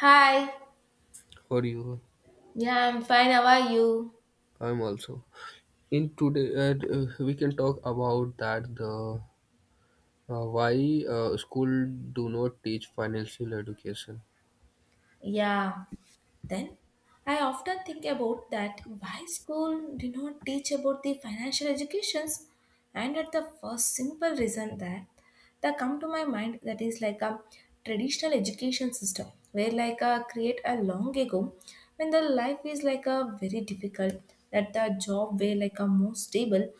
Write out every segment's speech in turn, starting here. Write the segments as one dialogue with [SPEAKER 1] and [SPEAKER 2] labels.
[SPEAKER 1] Hi.
[SPEAKER 2] For you,
[SPEAKER 1] Yeah, I'm fine. How are you?
[SPEAKER 2] I'm also. In today, we can talk about that the why school do not teach financial education.
[SPEAKER 1] Yeah. Then I often think about that why school did not teach about the financial educations, and at the first simple reason that come to my mind that is like a traditional education system where like a create a long ago when the life is like a very difficult, that the job way like a more stable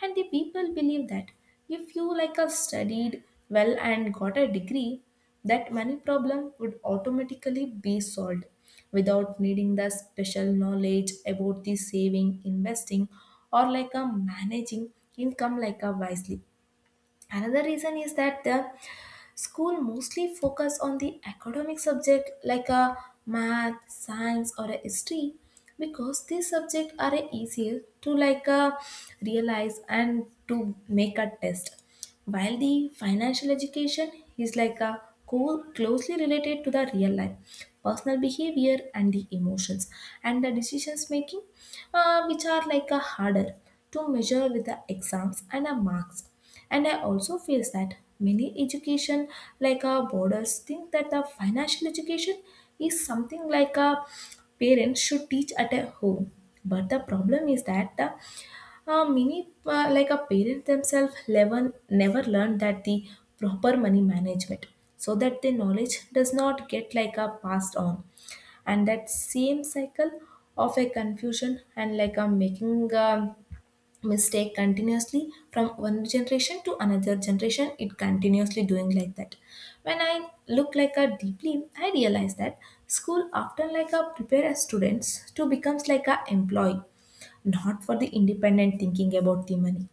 [SPEAKER 1] and the people believe that if you like a studied well and got a degree, that money problem would automatically be solved without needing the special knowledge about the saving investing or like a managing income like a wisely. Another reason is that the school mostly focus on the academic subject like a math, science or a history, because these subjects are a easier to realize and to make a test, while the financial education is like a closely related to the real life personal behavior and the emotions and the decisions making, which are like a harder to measure with the exams and the marks. And I also feel that many education like our boarders think that the financial education is something like a parents should teach at a home. But the problem is that the many like a parent themselves never learn that the proper money management, so that the knowledge does not get like a passed on, and that same cycle of a confusion and like a making mistake continuously from one generation to another generation, it continuously doing like that. When I look like a deeply, I realize that school often like a prepare as students to becomes like a employee, not for the independent thinking about the money,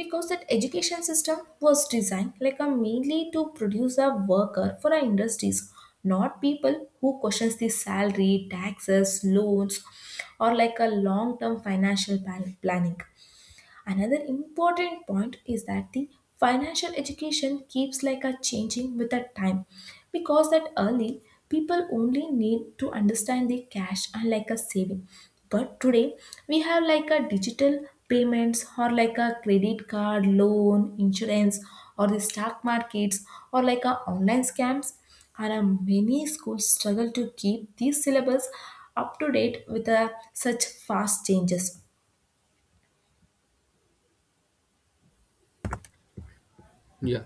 [SPEAKER 1] because that education system was designed like a mainly to produce a worker for our industries, not people who questions the salary taxes loans or like a long term financial planning. Another important point is that the financial education keeps like a changing with the time, because that early people only need to understand the cash and like a saving, but today we have like a digital payments or like a credit card loan insurance or the stock markets or like a online scams, and many schools struggle to keep these syllabus up to date with such fast changes.
[SPEAKER 2] Yeah,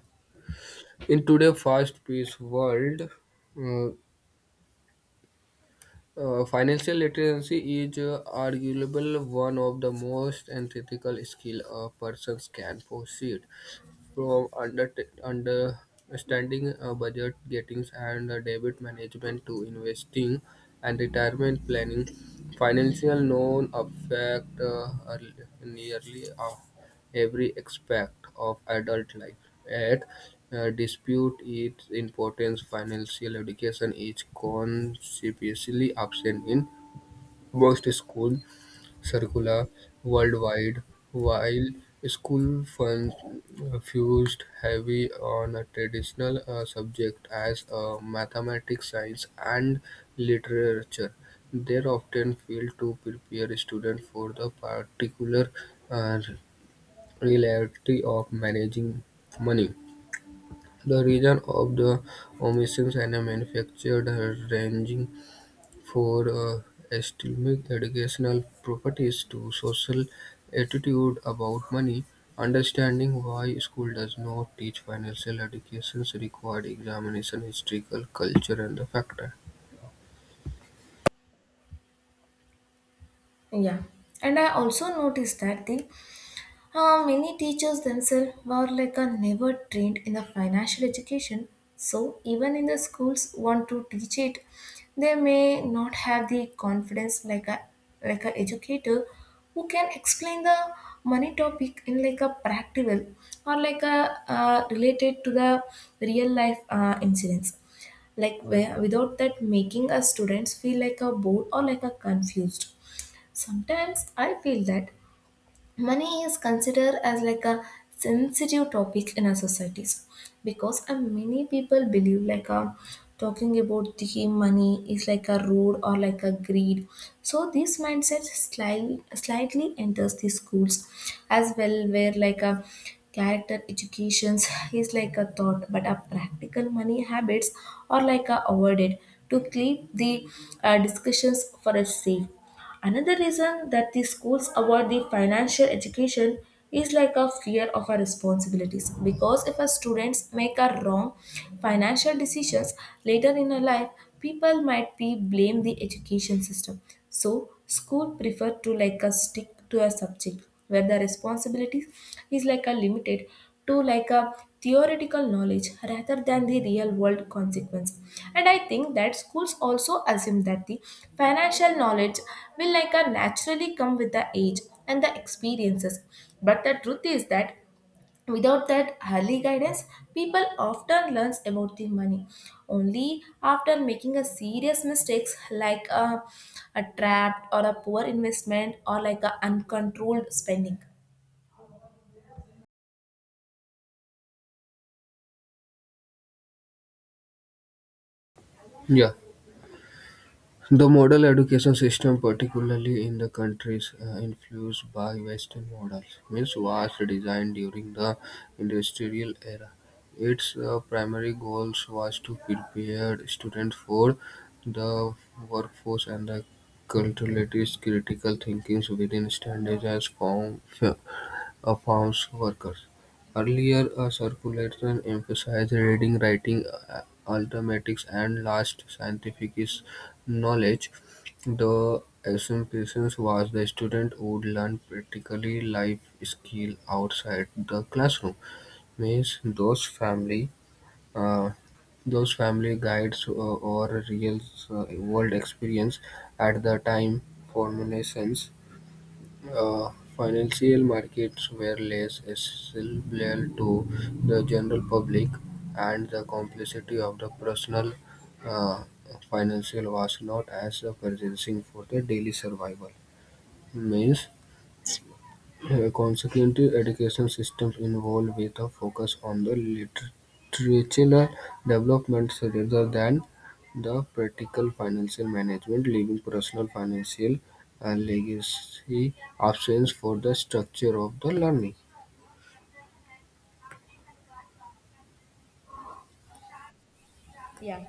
[SPEAKER 2] in today fast-paced world, uh, financial literacy is arguable one of the most antithetical skill a person can possess. From under understanding budget gettings and debit management to investing and retirement planning. Financial known affect nearly every aspect of adult life. At dispute its importance. Financial education is conspicuously absent in most schools circular worldwide, while school fun fused heavy on a traditional subject as mathematics, science, and literature. They often failed to prepare students for the particular uh, reality of managing money. The reason of the omissions and manufactured ranging for Estelmeek's educational properties to social attitude about money, understanding why school does not teach financial educations required examination, historical culture, and the factor.
[SPEAKER 1] Yeah, and I also noticed that thing. Many teachers themselves were like a never trained in the financial education. So even in the schools want to teach it, they may not have the confidence like a educator who can explain the money topic in like a practical or like a related to the real life incidents. Like where, without that making a students feel like a bored or like a confused. Sometimes I feel that money is considered as like a sensitive topic in our societies, because many people believe talking about the money is like a rude or like a greed. So this mindset slightly enters the schools as well, where like a character educations is like a thought, but a practical money habits are like a avoided to keep the discussions for a safe. Another reason that the schools avoid the financial education is like a fear of our responsibilities, because if our students make a wrong financial decisions later in our life, people might be blame the education system. So school prefer to like a stick to a subject where the responsibility is like a limited to like a theoretical knowledge rather than the real world consequence. And I think that schools also assume that the financial knowledge will like a naturally come with the age and the experiences, but the truth is that without that early guidance, people often learn about the money only after making a serious mistakes like a trap or a poor investment or like a uncontrolled spending.
[SPEAKER 2] Yeah. The model education system, particularly in the countries influenced by Western models, means was designed during the industrial era. Its primary goals was to prepare students for the workforce and the culturally critical thinkings within standardized form, of farm's workers. Earlier a circulation emphasized reading, writing, arithmetic, and last knowledge. The assumption was the student would learn practically life skill outside the classroom. Means uh, those family guides or real uh, world experience at the time formulations uh, financial markets were less accessible to the general public, and the complexity of the personal uh, financial was not as pressing for the daily survival. Means consequently, education systems evolved with a focus on the literature development rather than the practical financial management, leaving personal financial legacy absence for the structure of the learning.
[SPEAKER 1] Yeah.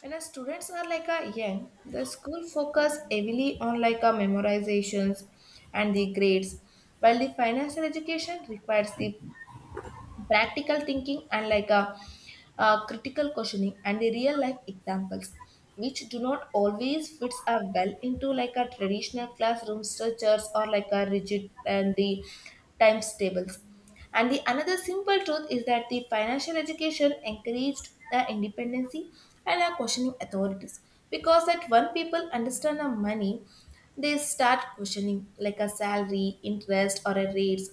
[SPEAKER 1] When our students are like a young, the school focus heavily on like a memorizations and the grades, while the financial education requires the practical thinking and like a, critical questioning and the real life examples, which do not always fits a well into like a traditional classroom structures or like a rigid and the times tables. And the another simple truth is that the financial education encouraged the independency and a questioning authorities, because that when people understand the money, they start questioning, like a salary, interest, or a rates,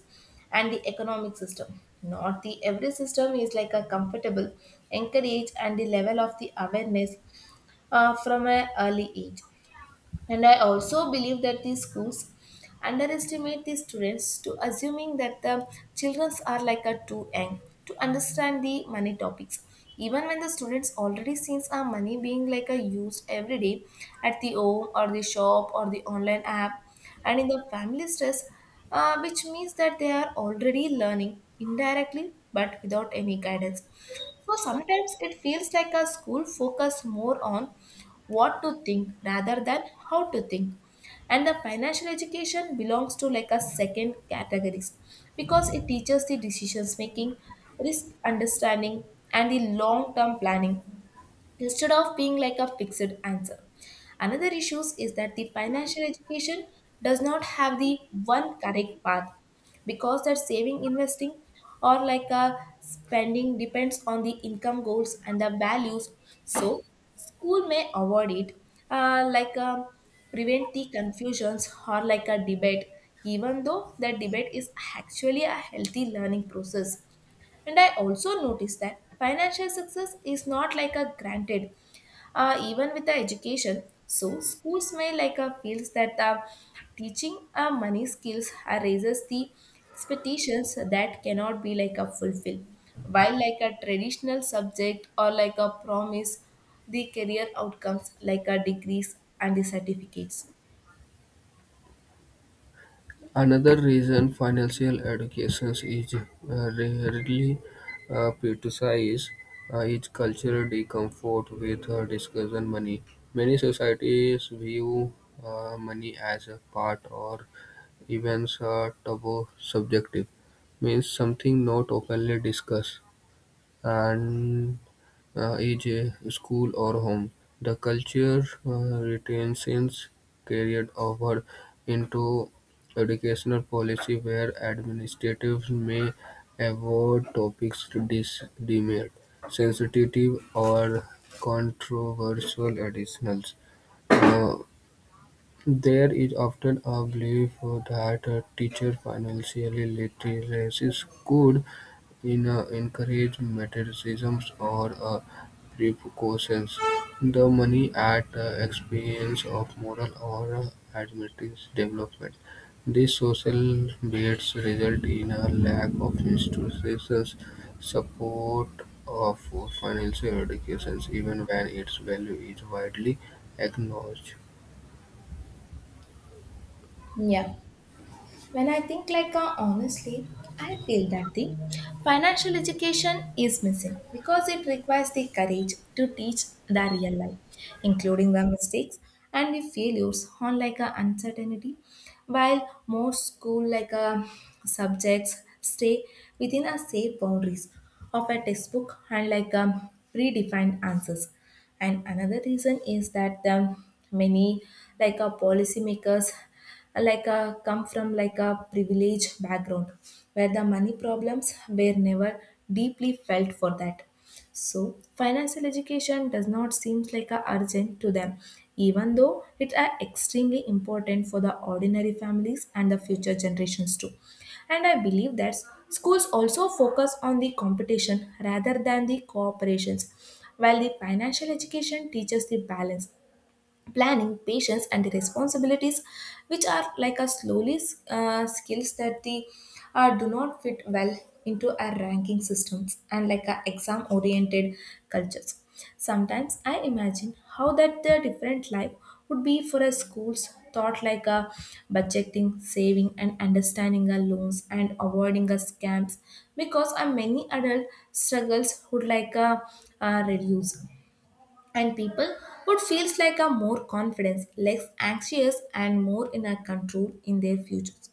[SPEAKER 1] and the economic system. Not the every system is like a comfortable, encourage, and the level of the awareness from an early age. And I also believe that these schools underestimate the students to assuming that the children are like a too young to understand the money topics. Even when the students already sees our money being like a used every day at the home or the shop or the online app and in the family stress, which means that they are already learning indirectly but without any guidance. So sometimes it feels like a school focus more on what to think rather than how to think. And the financial education belongs to like a second categories, because it teaches the decisions making, risk understanding and the long term planning instead of being like a fixed answer. Another issue is that the financial education does not have the one correct path, because that saving, investing, or like a spending depends on the income goals and the values. So school may avoid it, uh, like um, prevent the confusions or like a debate, even though that debate is actually a healthy learning process. And I also noticed that financial success is not like a granted, even with the education. So schools may like a feels that the teaching money skills raises the expectations that cannot be like a fulfilled. While like a traditional subject or like a promise, the career outcomes like a degrees and the certificates.
[SPEAKER 2] Another reason financial education is rarely prioritized is cultural discomfort with discussion money. Many societies view money as a part or even a taboo subjective, means something not openly discussed. And age, school, or home. The culture retains carried over into educational policy where administrators may avoid topics deemed sensitive or controversial additionals. Uh, there is often a belief that a teacher financially literacy could in encourage materialisms or precautions, the money at the expense of moral or administrative development. These social baits result in a lack of institutions support of financial education, even when its value is widely acknowledged.
[SPEAKER 1] Yeah. When I think honestly, I feel that the financial education is missing because it requires the courage to teach the real life, including the mistakes and the failures on like a uncertainty, while most school like a subjects stay within a safe boundaries of a textbook and like a predefined answers. And another reason is that many like a policymakers like a come from like a privileged background where the money problems were never deeply felt for that. So, financial education does not seem like a urgent to them, even though it are extremely important for the ordinary families and the future generations too. And I believe that schools also focus on the competition rather than the cooperations, while the financial education teaches the balance planning, patience, and the responsibilities, which are like a slowly skills that they do not fit well into our ranking systems and like a exam oriented cultures. Sometimes I imagine how that the different life would be for a school's thought like a budgeting, saving, and understanding our loans and avoiding a scams, because a many adult struggles would like a, reduce, and people would feels like a more confidence, less anxious, and more in a control in their futures.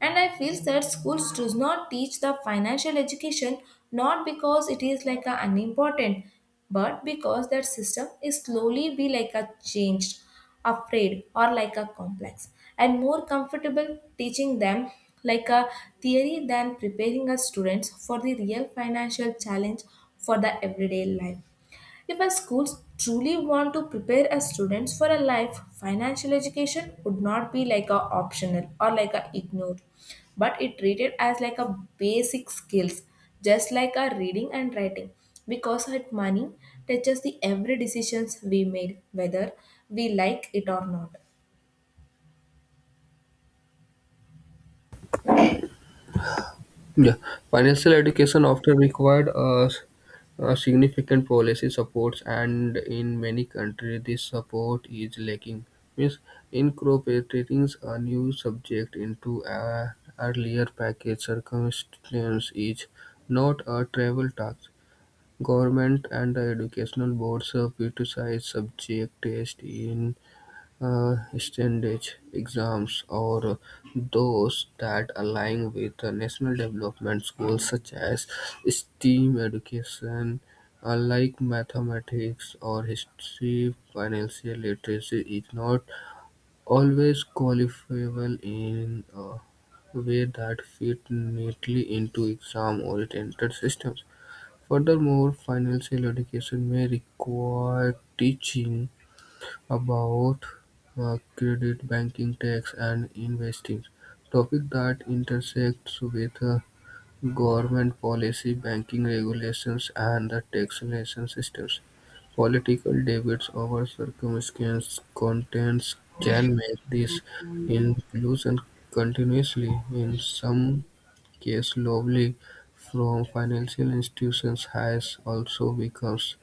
[SPEAKER 1] And I feel that schools does not teach the financial education not because it is like a unimportant, but because that system is slowly be like a changed, afraid, or like a complex, and more comfortable teaching them like a theory than preparing our students for the real financial challenge for the everyday life. If a school truly want to prepare a students for a life, financial education would not be like a optional or like a ignored, but it treated as like a basic skills, just like a reading and writing. Because it money touches the every decisions we made, whether we like it or not.
[SPEAKER 2] Yeah, financial education often required a significant policy supports, and in many countries this support is lacking. Means incorporating a new subject into an earlier package circumstance is not a travel task. Government and the educational boards criticize subject test in standardized exams or those that align with the national development goals such as STEAM education, like mathematics or history. Financial literacy is not always qualifiable in a way that fit neatly into exam-oriented systems. Furthermore, financial education may require teaching about credit, banking, tax and investing: topics that intersect with government policy, banking regulations and the taxation systems. Political debates over circumstances contents can make this inclusion continuously, in some cases globally, from financial institutions has also becomes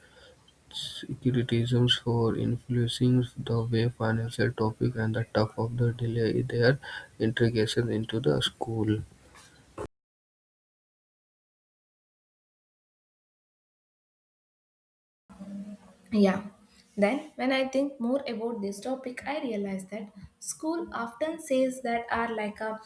[SPEAKER 2] criticisms for influencing the way financial topics and the tough of the delay their integration into the school.
[SPEAKER 1] Yeah. Then, when I think more about this topic, I realize that school often says that are like a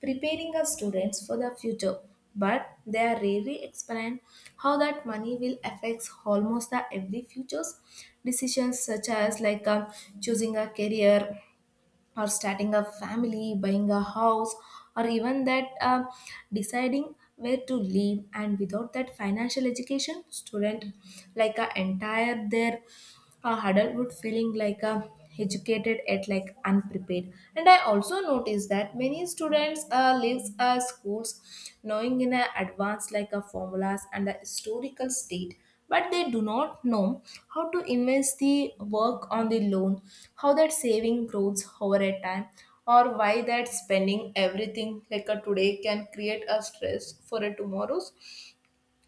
[SPEAKER 1] preparing our students for the future, but they are rarely explain how that money will affects almost the every future's decisions, such as choosing a career or starting a family, buying a house, or even that deciding where to live. And without that financial education, student like a entire their adulthood feeling like a educated at like unprepared. And I also noticed that many students leaves schools knowing in a advance like a formulas and the historical state, but they do not know how to invest the work on the loan, how that saving grows over a time, or why that spending everything like a today can create a stress for a tomorrow's,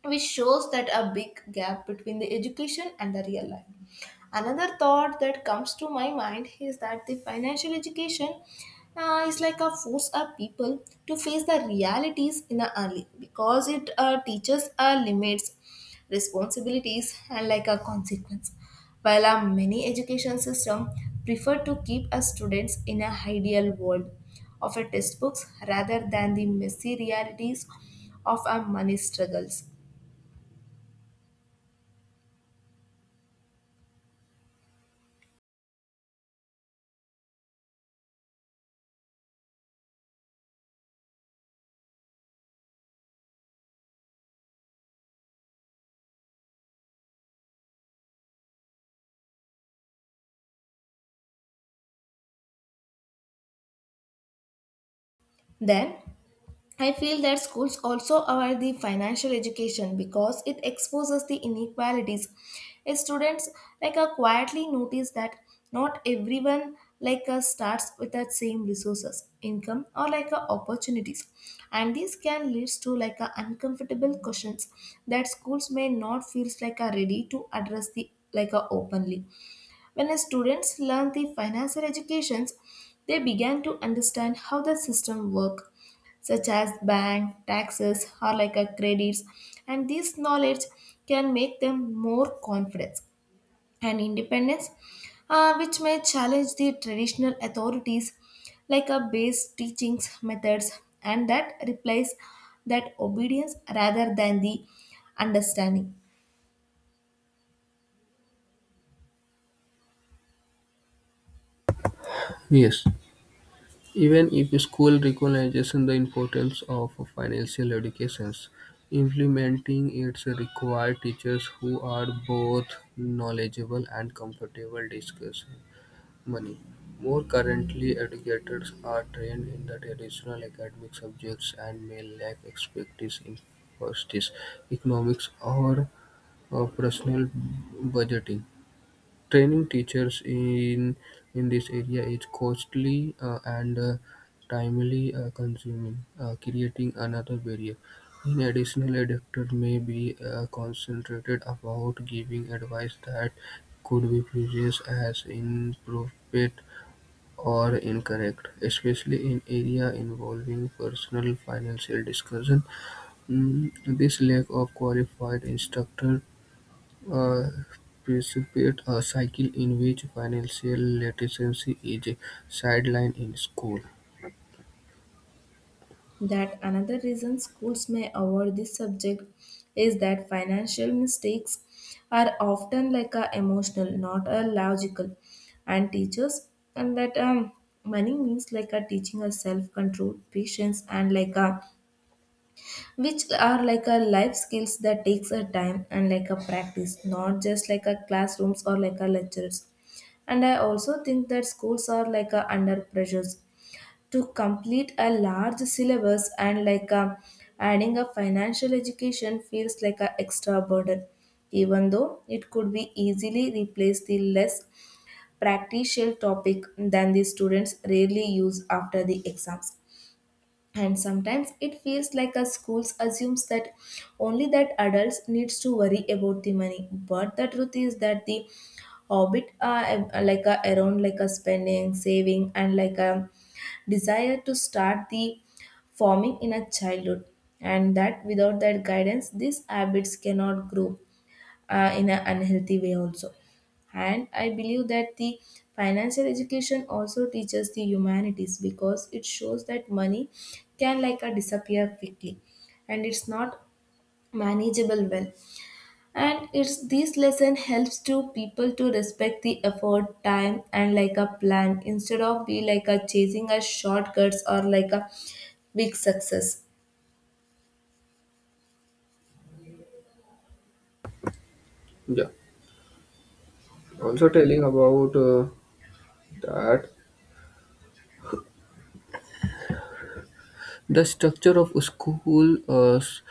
[SPEAKER 1] which shows that a big gap between the education and the real life. Another thought that comes to my mind is that the financial education is like a force of people to face the realities in a early, because it teaches our limits, responsibilities, and like a consequence. While our many education system prefer to keep our students in a ideal world of a textbooks rather than the messy realities of our money struggles. Then I feel that schools also aware the financial education because it exposes the inequalities. Students quietly notice that not everyone starts with the same resources, income or opportunities, and this can lead to uncomfortable questions that schools may not feel like are ready to address the openly. When students learn the financial educations, they began to understand how the system work, such as bank, taxes, or like a credits, and this knowledge can make them more confident and independence, which may challenge the traditional authorities like a base teachings methods and that replace that obedience rather than the understanding.
[SPEAKER 2] Yes, even if school recognizes the importance of financial educations, implementing it requires teachers who are both knowledgeable and comfortable discussing money. More currently, educators are trained in the traditional academic subjects and may lack expertise in justice, economics, or personal budgeting. Training teachers in this area is costly and timely consuming, creating another barrier. In addition, educators may be concentrated about giving advice that could be perceived as inappropriate or incorrect, especially in area involving personal financial discussion. This lack of qualified instructor uh, precipitates a cycle in which financial literacy is sidelined in school.
[SPEAKER 1] That another reason schools may avoid this subject is that financial mistakes are often like a emotional, not a logical, and teachers and that money means like a teaching a self control, patience, and like a, which are like a life skills that takes a time and like a practice, not just like a classrooms or like a lectures. And I also think that schools are like a under pressures to complete a large syllabus and like a, adding a financial education feels like an extra burden, even though it could be easily replaced the less practical topic than the students rarely use after the exams. And sometimes it feels like a schools assumes that only that adults needs to worry about the money, but the truth is that the orbit like a, around like a spending saving and like a desire to start the forming in a childhood, and that without that guidance these habits cannot grow in an unhealthy way also. And I believe that the financial education also teaches the humanities because it shows that money can like a disappear quickly and it's not manageable well, and it's this lesson helps to people to respect the effort time and like a plan instead of be like a chasing a shortcuts or like a big success.
[SPEAKER 2] Yeah. Also telling about that. The structure of school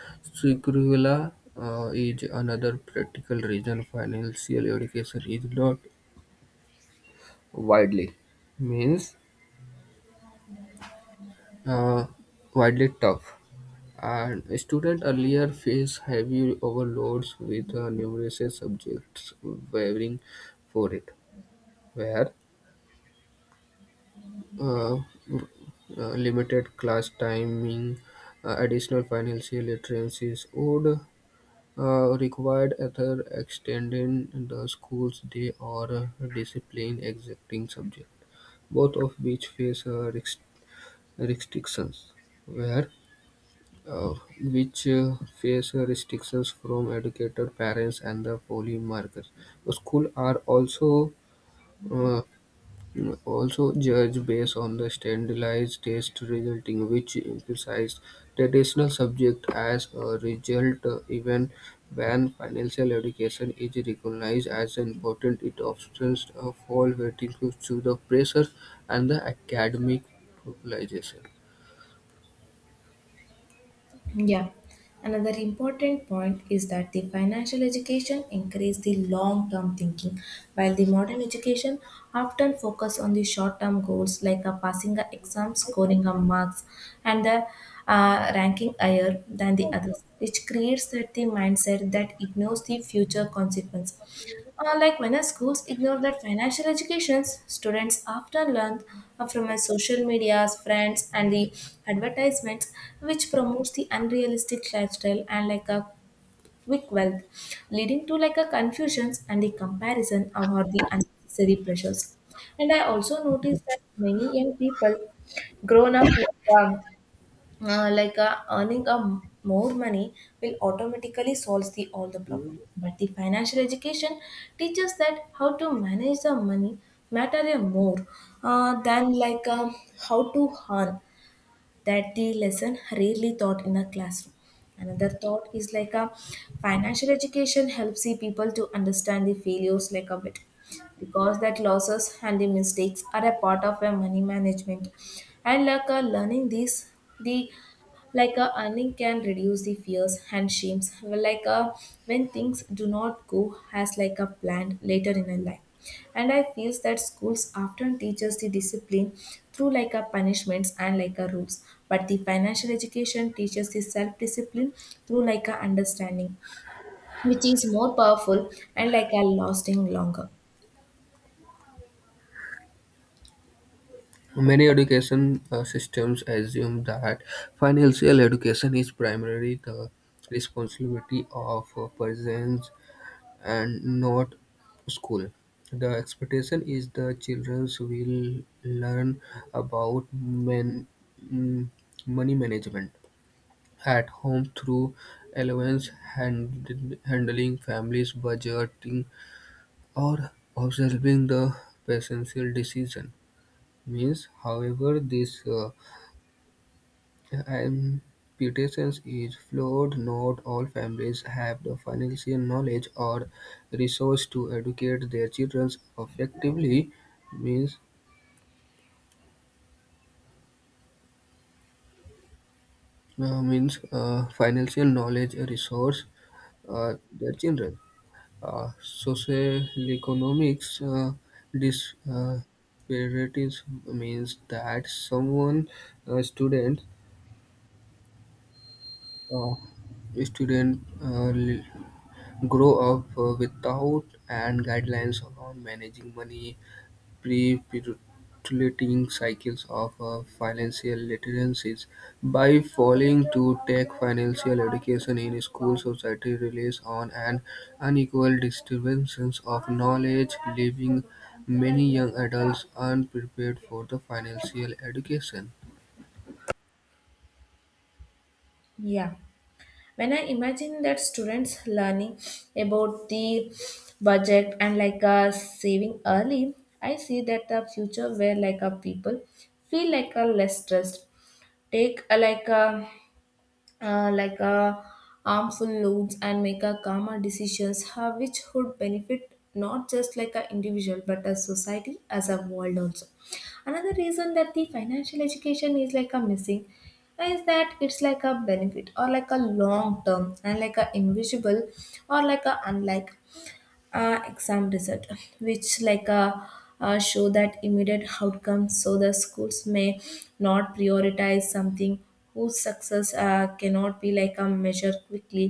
[SPEAKER 2] curricula is another practical reason financial education is not widely. Means uh, widely tough. And students earlier face heavy overloads with numerous subjects waiting for it, where uh, uh, limited class timing, additional financial literacies would required either extending the school's day or discipline exacting subject, both of which face restrictions where uh, which face restrictions from educated parents and the polymarket. Schools are uh, also judged based on the standardized test resulting, which emphasize traditional subject as a result, even when financial education is recognized as important, it often fall waiting to the pressure and the academic popularization.
[SPEAKER 1] Yeah. Another important point is that the financial education encourages the long-term thinking, while the modern education often focus on the short-term goals like a passing a exam, scoring a marks, and the ranking higher than the others, which creates that the mindset that ignores the future consequence. Like many schools ignore that financial educations, students often learn from a social media's friends and the advertisements, which promotes the unrealistic lifestyle and like a quick wealth, leading to like a confusions and the comparison or the unnecessary pressures. And I also noticed that many young people grown up um, earning a more money will automatically solves the all the problem, but the financial education teaches that how to manage the money matter a more than how to earn, that the lesson rarely taught in a classroom. Another thought is like a financial education helps the people to understand the failures like a bit, because that losses and the mistakes are a part of a money management, and like a learning these the like a earning can reduce the fears and shames like a when things do not go as like a planned later in a life. And I feels that schools often teach us the discipline through like a punishments and like a rules, but the financial education teaches the self discipline through like a understanding, which is more powerful and like a lasting longer.
[SPEAKER 2] Many education systems assume that financial education is primarily the responsibility of parents and not school. The expectation is the children will learn about mm, money management at home through allowance handling families budgeting or observing the financial decision means however this impedance is flawed; not all families have the financial knowledge or resource to educate their children effectively, means financial knowledge resources their children. Socioeconomic uh, dis- uh, disparities means that uh, student, uh, student grow up without and guidelines around managing money, perpetuating cycles of financial literacies. By failing to take financial education in school, society relies on an unequal distribution of knowledge, leaving many young adults unprepared for the financial education.
[SPEAKER 1] Yeah, when I imagine that students learning about the budget and saving early, I see that the future where like a people feel like a less stressed, take a like a uh, like uh, harmful loads and make a calmer decisions, which would benefit not just like an individual but a society as a world also. Another reason that the financial education is like a missing is that it's like a benefit or like a long term and like a invisible or like a unlike exam result, which show that immediate outcomes, so the schools may not prioritize something whose success cannot be like a measure quickly.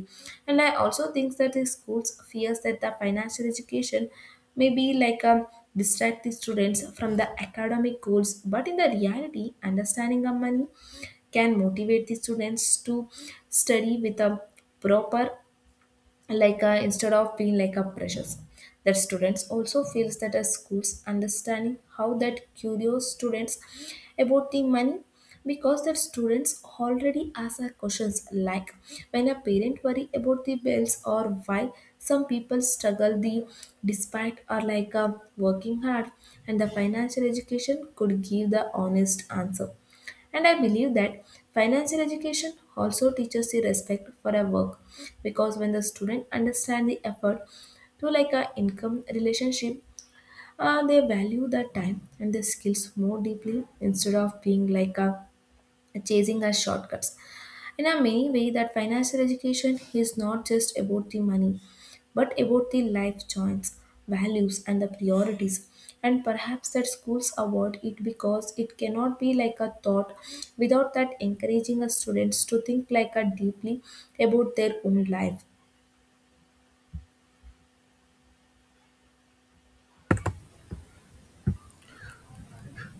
[SPEAKER 1] And I also think that the schools fears that the financial education may be like a distract the students from the academic goals, but in the reality understanding of money can motivate the students to study with a proper instead of being like a pressures, that students also feels that as schools understanding how that curious students about the money, because that students already ask a questions like when a parent worry about the bills or why some people struggle the despite or working hard, and the financial education could give the honest answer. And I believe that financial education also teaches the respect for our work, because when the student understand the effort to like a income relationship, they value the time and the skills more deeply instead of being like a chasing a shortcuts. In a many way that financial education is not just about the money, but about the life choice, values and the priorities. And perhaps that schools award it because it cannot be like a thought without that encouraging a students to think like a deeply about their own life.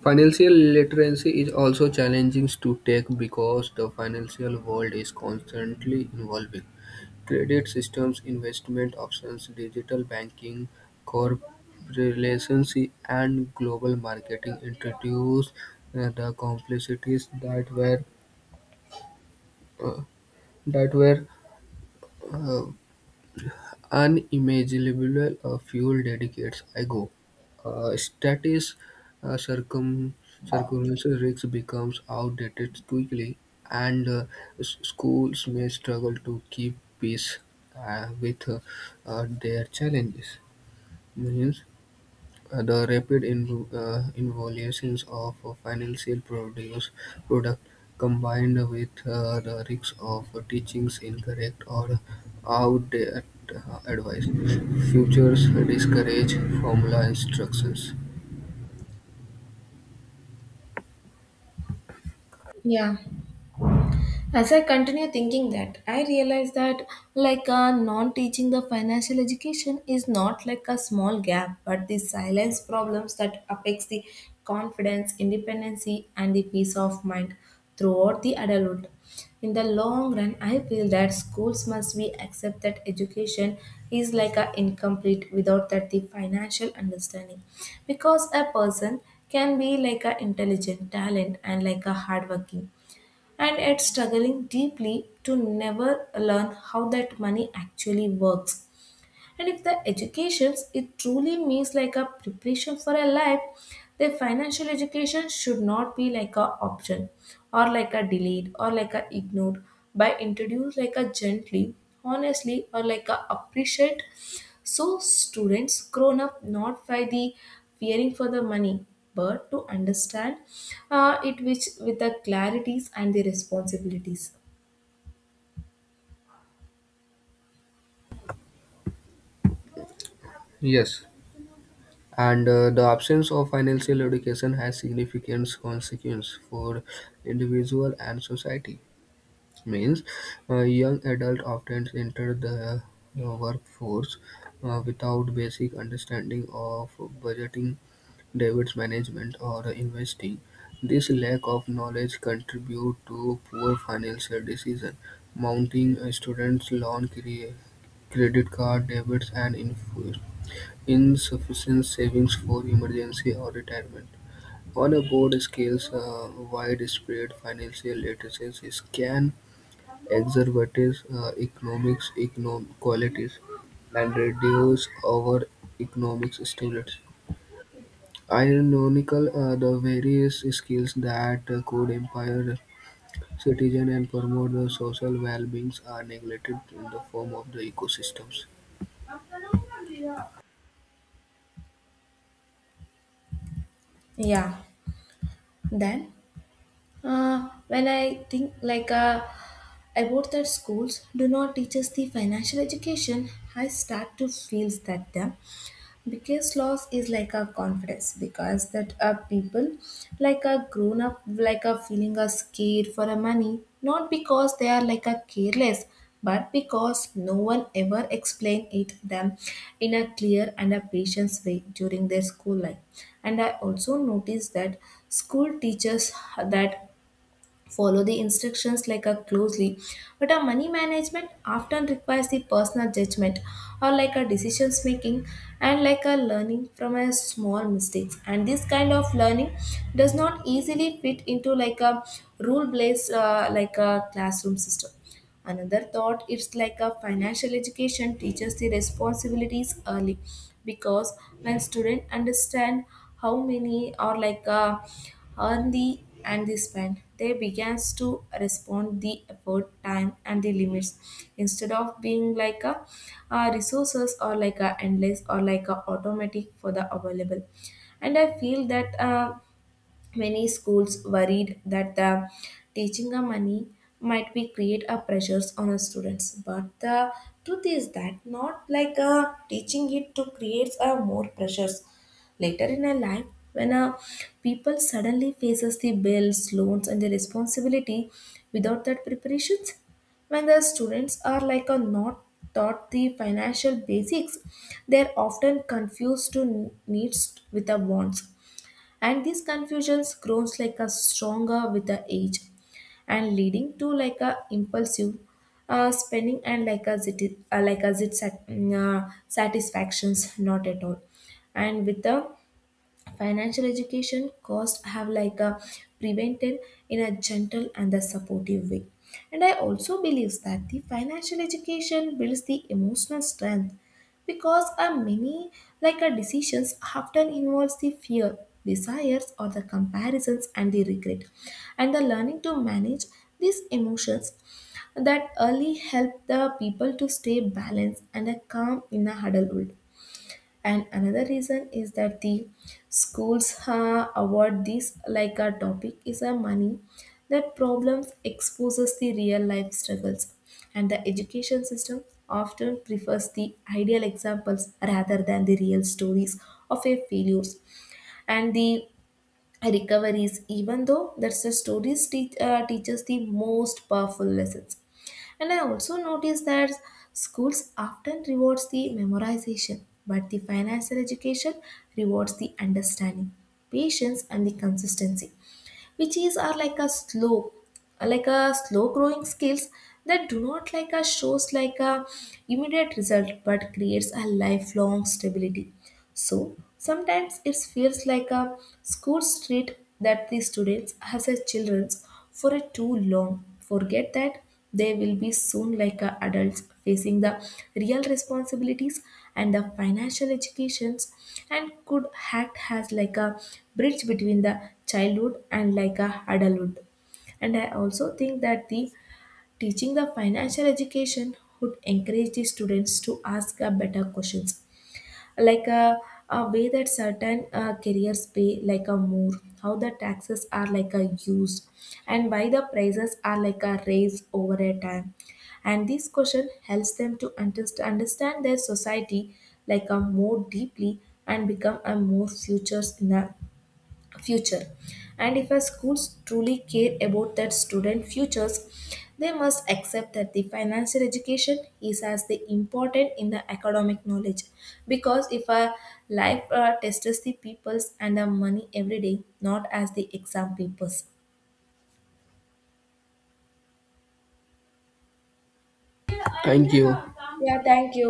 [SPEAKER 2] Financial literacy is also challenging to take because the financial world is constantly evolving. Credit systems, investment options, digital banking, cryptocurrency, and global marketing introduced the complexities uh, that were uh, unimaginable a few decades ago. Status uh, circum circumstances rigs becomes outdated quickly, and schools may struggle to keep pace with their challenges. Millions. The rapid evolution of a financial produce product combined with the risks of teaching incorrect or outdated advice futures discourage formula instructions.
[SPEAKER 1] Yeah. As I continue thinking that, I realize that non-teaching the financial education is not like a small gap, but the silence problems that affects the confidence, independency, and the peace of mind throughout the adulthood. In the long run, I feel that schools must be accept that education is like a incomplete without that the financial understanding, because a person can be like a intelligent, talent, and like a hardworking and yet struggling deeply to never learn how that money actually works. And if the educations it truly means like a preparation for a life, the financial education should not be like a option or like a delayed or like a ignored, by introduced like a gently, honestly or like a appreciate, so students grown up not by the fearing for the money but to understand it which with the clarities and the responsibilities.
[SPEAKER 2] Yes, and the absence of financial education has significant consequences for individual and society means young adults often enter the workforce without basic understanding of budgeting, debt management, or investing. This lack of knowledge contributes to poor financial decision, mounting students' loan credit card debits, and insufficient savings for emergency or retirement. On a broad scale, widespread financial literacy can exacerbate economic inequalities and reduce our economic stability. Ironically, the various skills that could empower citizens and promote the social well-being are neglected in the form of the ecosystems.
[SPEAKER 1] Yeah. Then when I think like a. about that schools do not teach us the financial education, I start to feel that the biggest loss is like our confidence because that our people like are grown up like are feeling are scared for our money, not because they are like a careless but because no one ever explained it them in a clear and a patient way during their school life. And I also noticed that school teaches that follow the instructions like a closely, but a money management often requires the personal judgment or like a decisions making and like a learning from a small mistakes, and this kind of learning does not easily fit into like a rule based like a classroom system. Another thought it's like a financial education teaches the responsibilities early, because when students understand how many or earn the and the spend, they begins to respond the effort, time and the limits instead of being like a resources or like a endless or like a automatic for the available. And I feel that many schools worried that the teaching a money might be create a pressures on the students. But the truth is that not like a teaching it to creates a more pressures later in a life when a people suddenly faces the bills, loans, and the responsibility without that preparations. When the students are like a not taught the financial basics, they are often confused to needs with the wants, and these confusions grows like a stronger with the age and leading to like a impulsive spending and like a zit sat, mm, satisfactions not at all. And with the financial education costs have like a prevented in a gentle and a supportive way. And I also believe that the financial education builds the emotional strength, because a many like a decisions often involves the fear, desires or the comparisons and the regret, and the learning to manage these emotions that early help the people to stay balanced and a calm in a adulthood. And another reason is that the schools award this like a topic is a money, that problems exposes the real life struggles, and the education system often prefers the ideal examples rather than the real stories of a failures and the recoveries, even though that's the stories teaches the most powerful lessons. And I also noticed that schools often rewards the memorization, but the financial education rewards the understanding, patience, and the consistency, which is are like a slow growing skills that do not like a shows like a immediate result but creates a lifelong stability. So sometimes it feels like a school street that the students as a children's for a too long, forget that they will be soon like a adults facing the real responsibilities, and the financial educations and could act as like a bridge between the childhood and like a adulthood. And I also think that the teaching the financial education would encourage the students to ask better questions like a way that certain careers pay like a more, how the taxes are like a used, and why the prices are like a raised over a time, and this question helps them to understand their society like a more deeply and become a more futures in a future. And if our schools truly care about that student futures, they must accept that the financial education is as the important in the academic knowledge, because if our life tests the peoples and the money every day, not as the exam papers.
[SPEAKER 2] Thank you.
[SPEAKER 1] Yeah, thank you.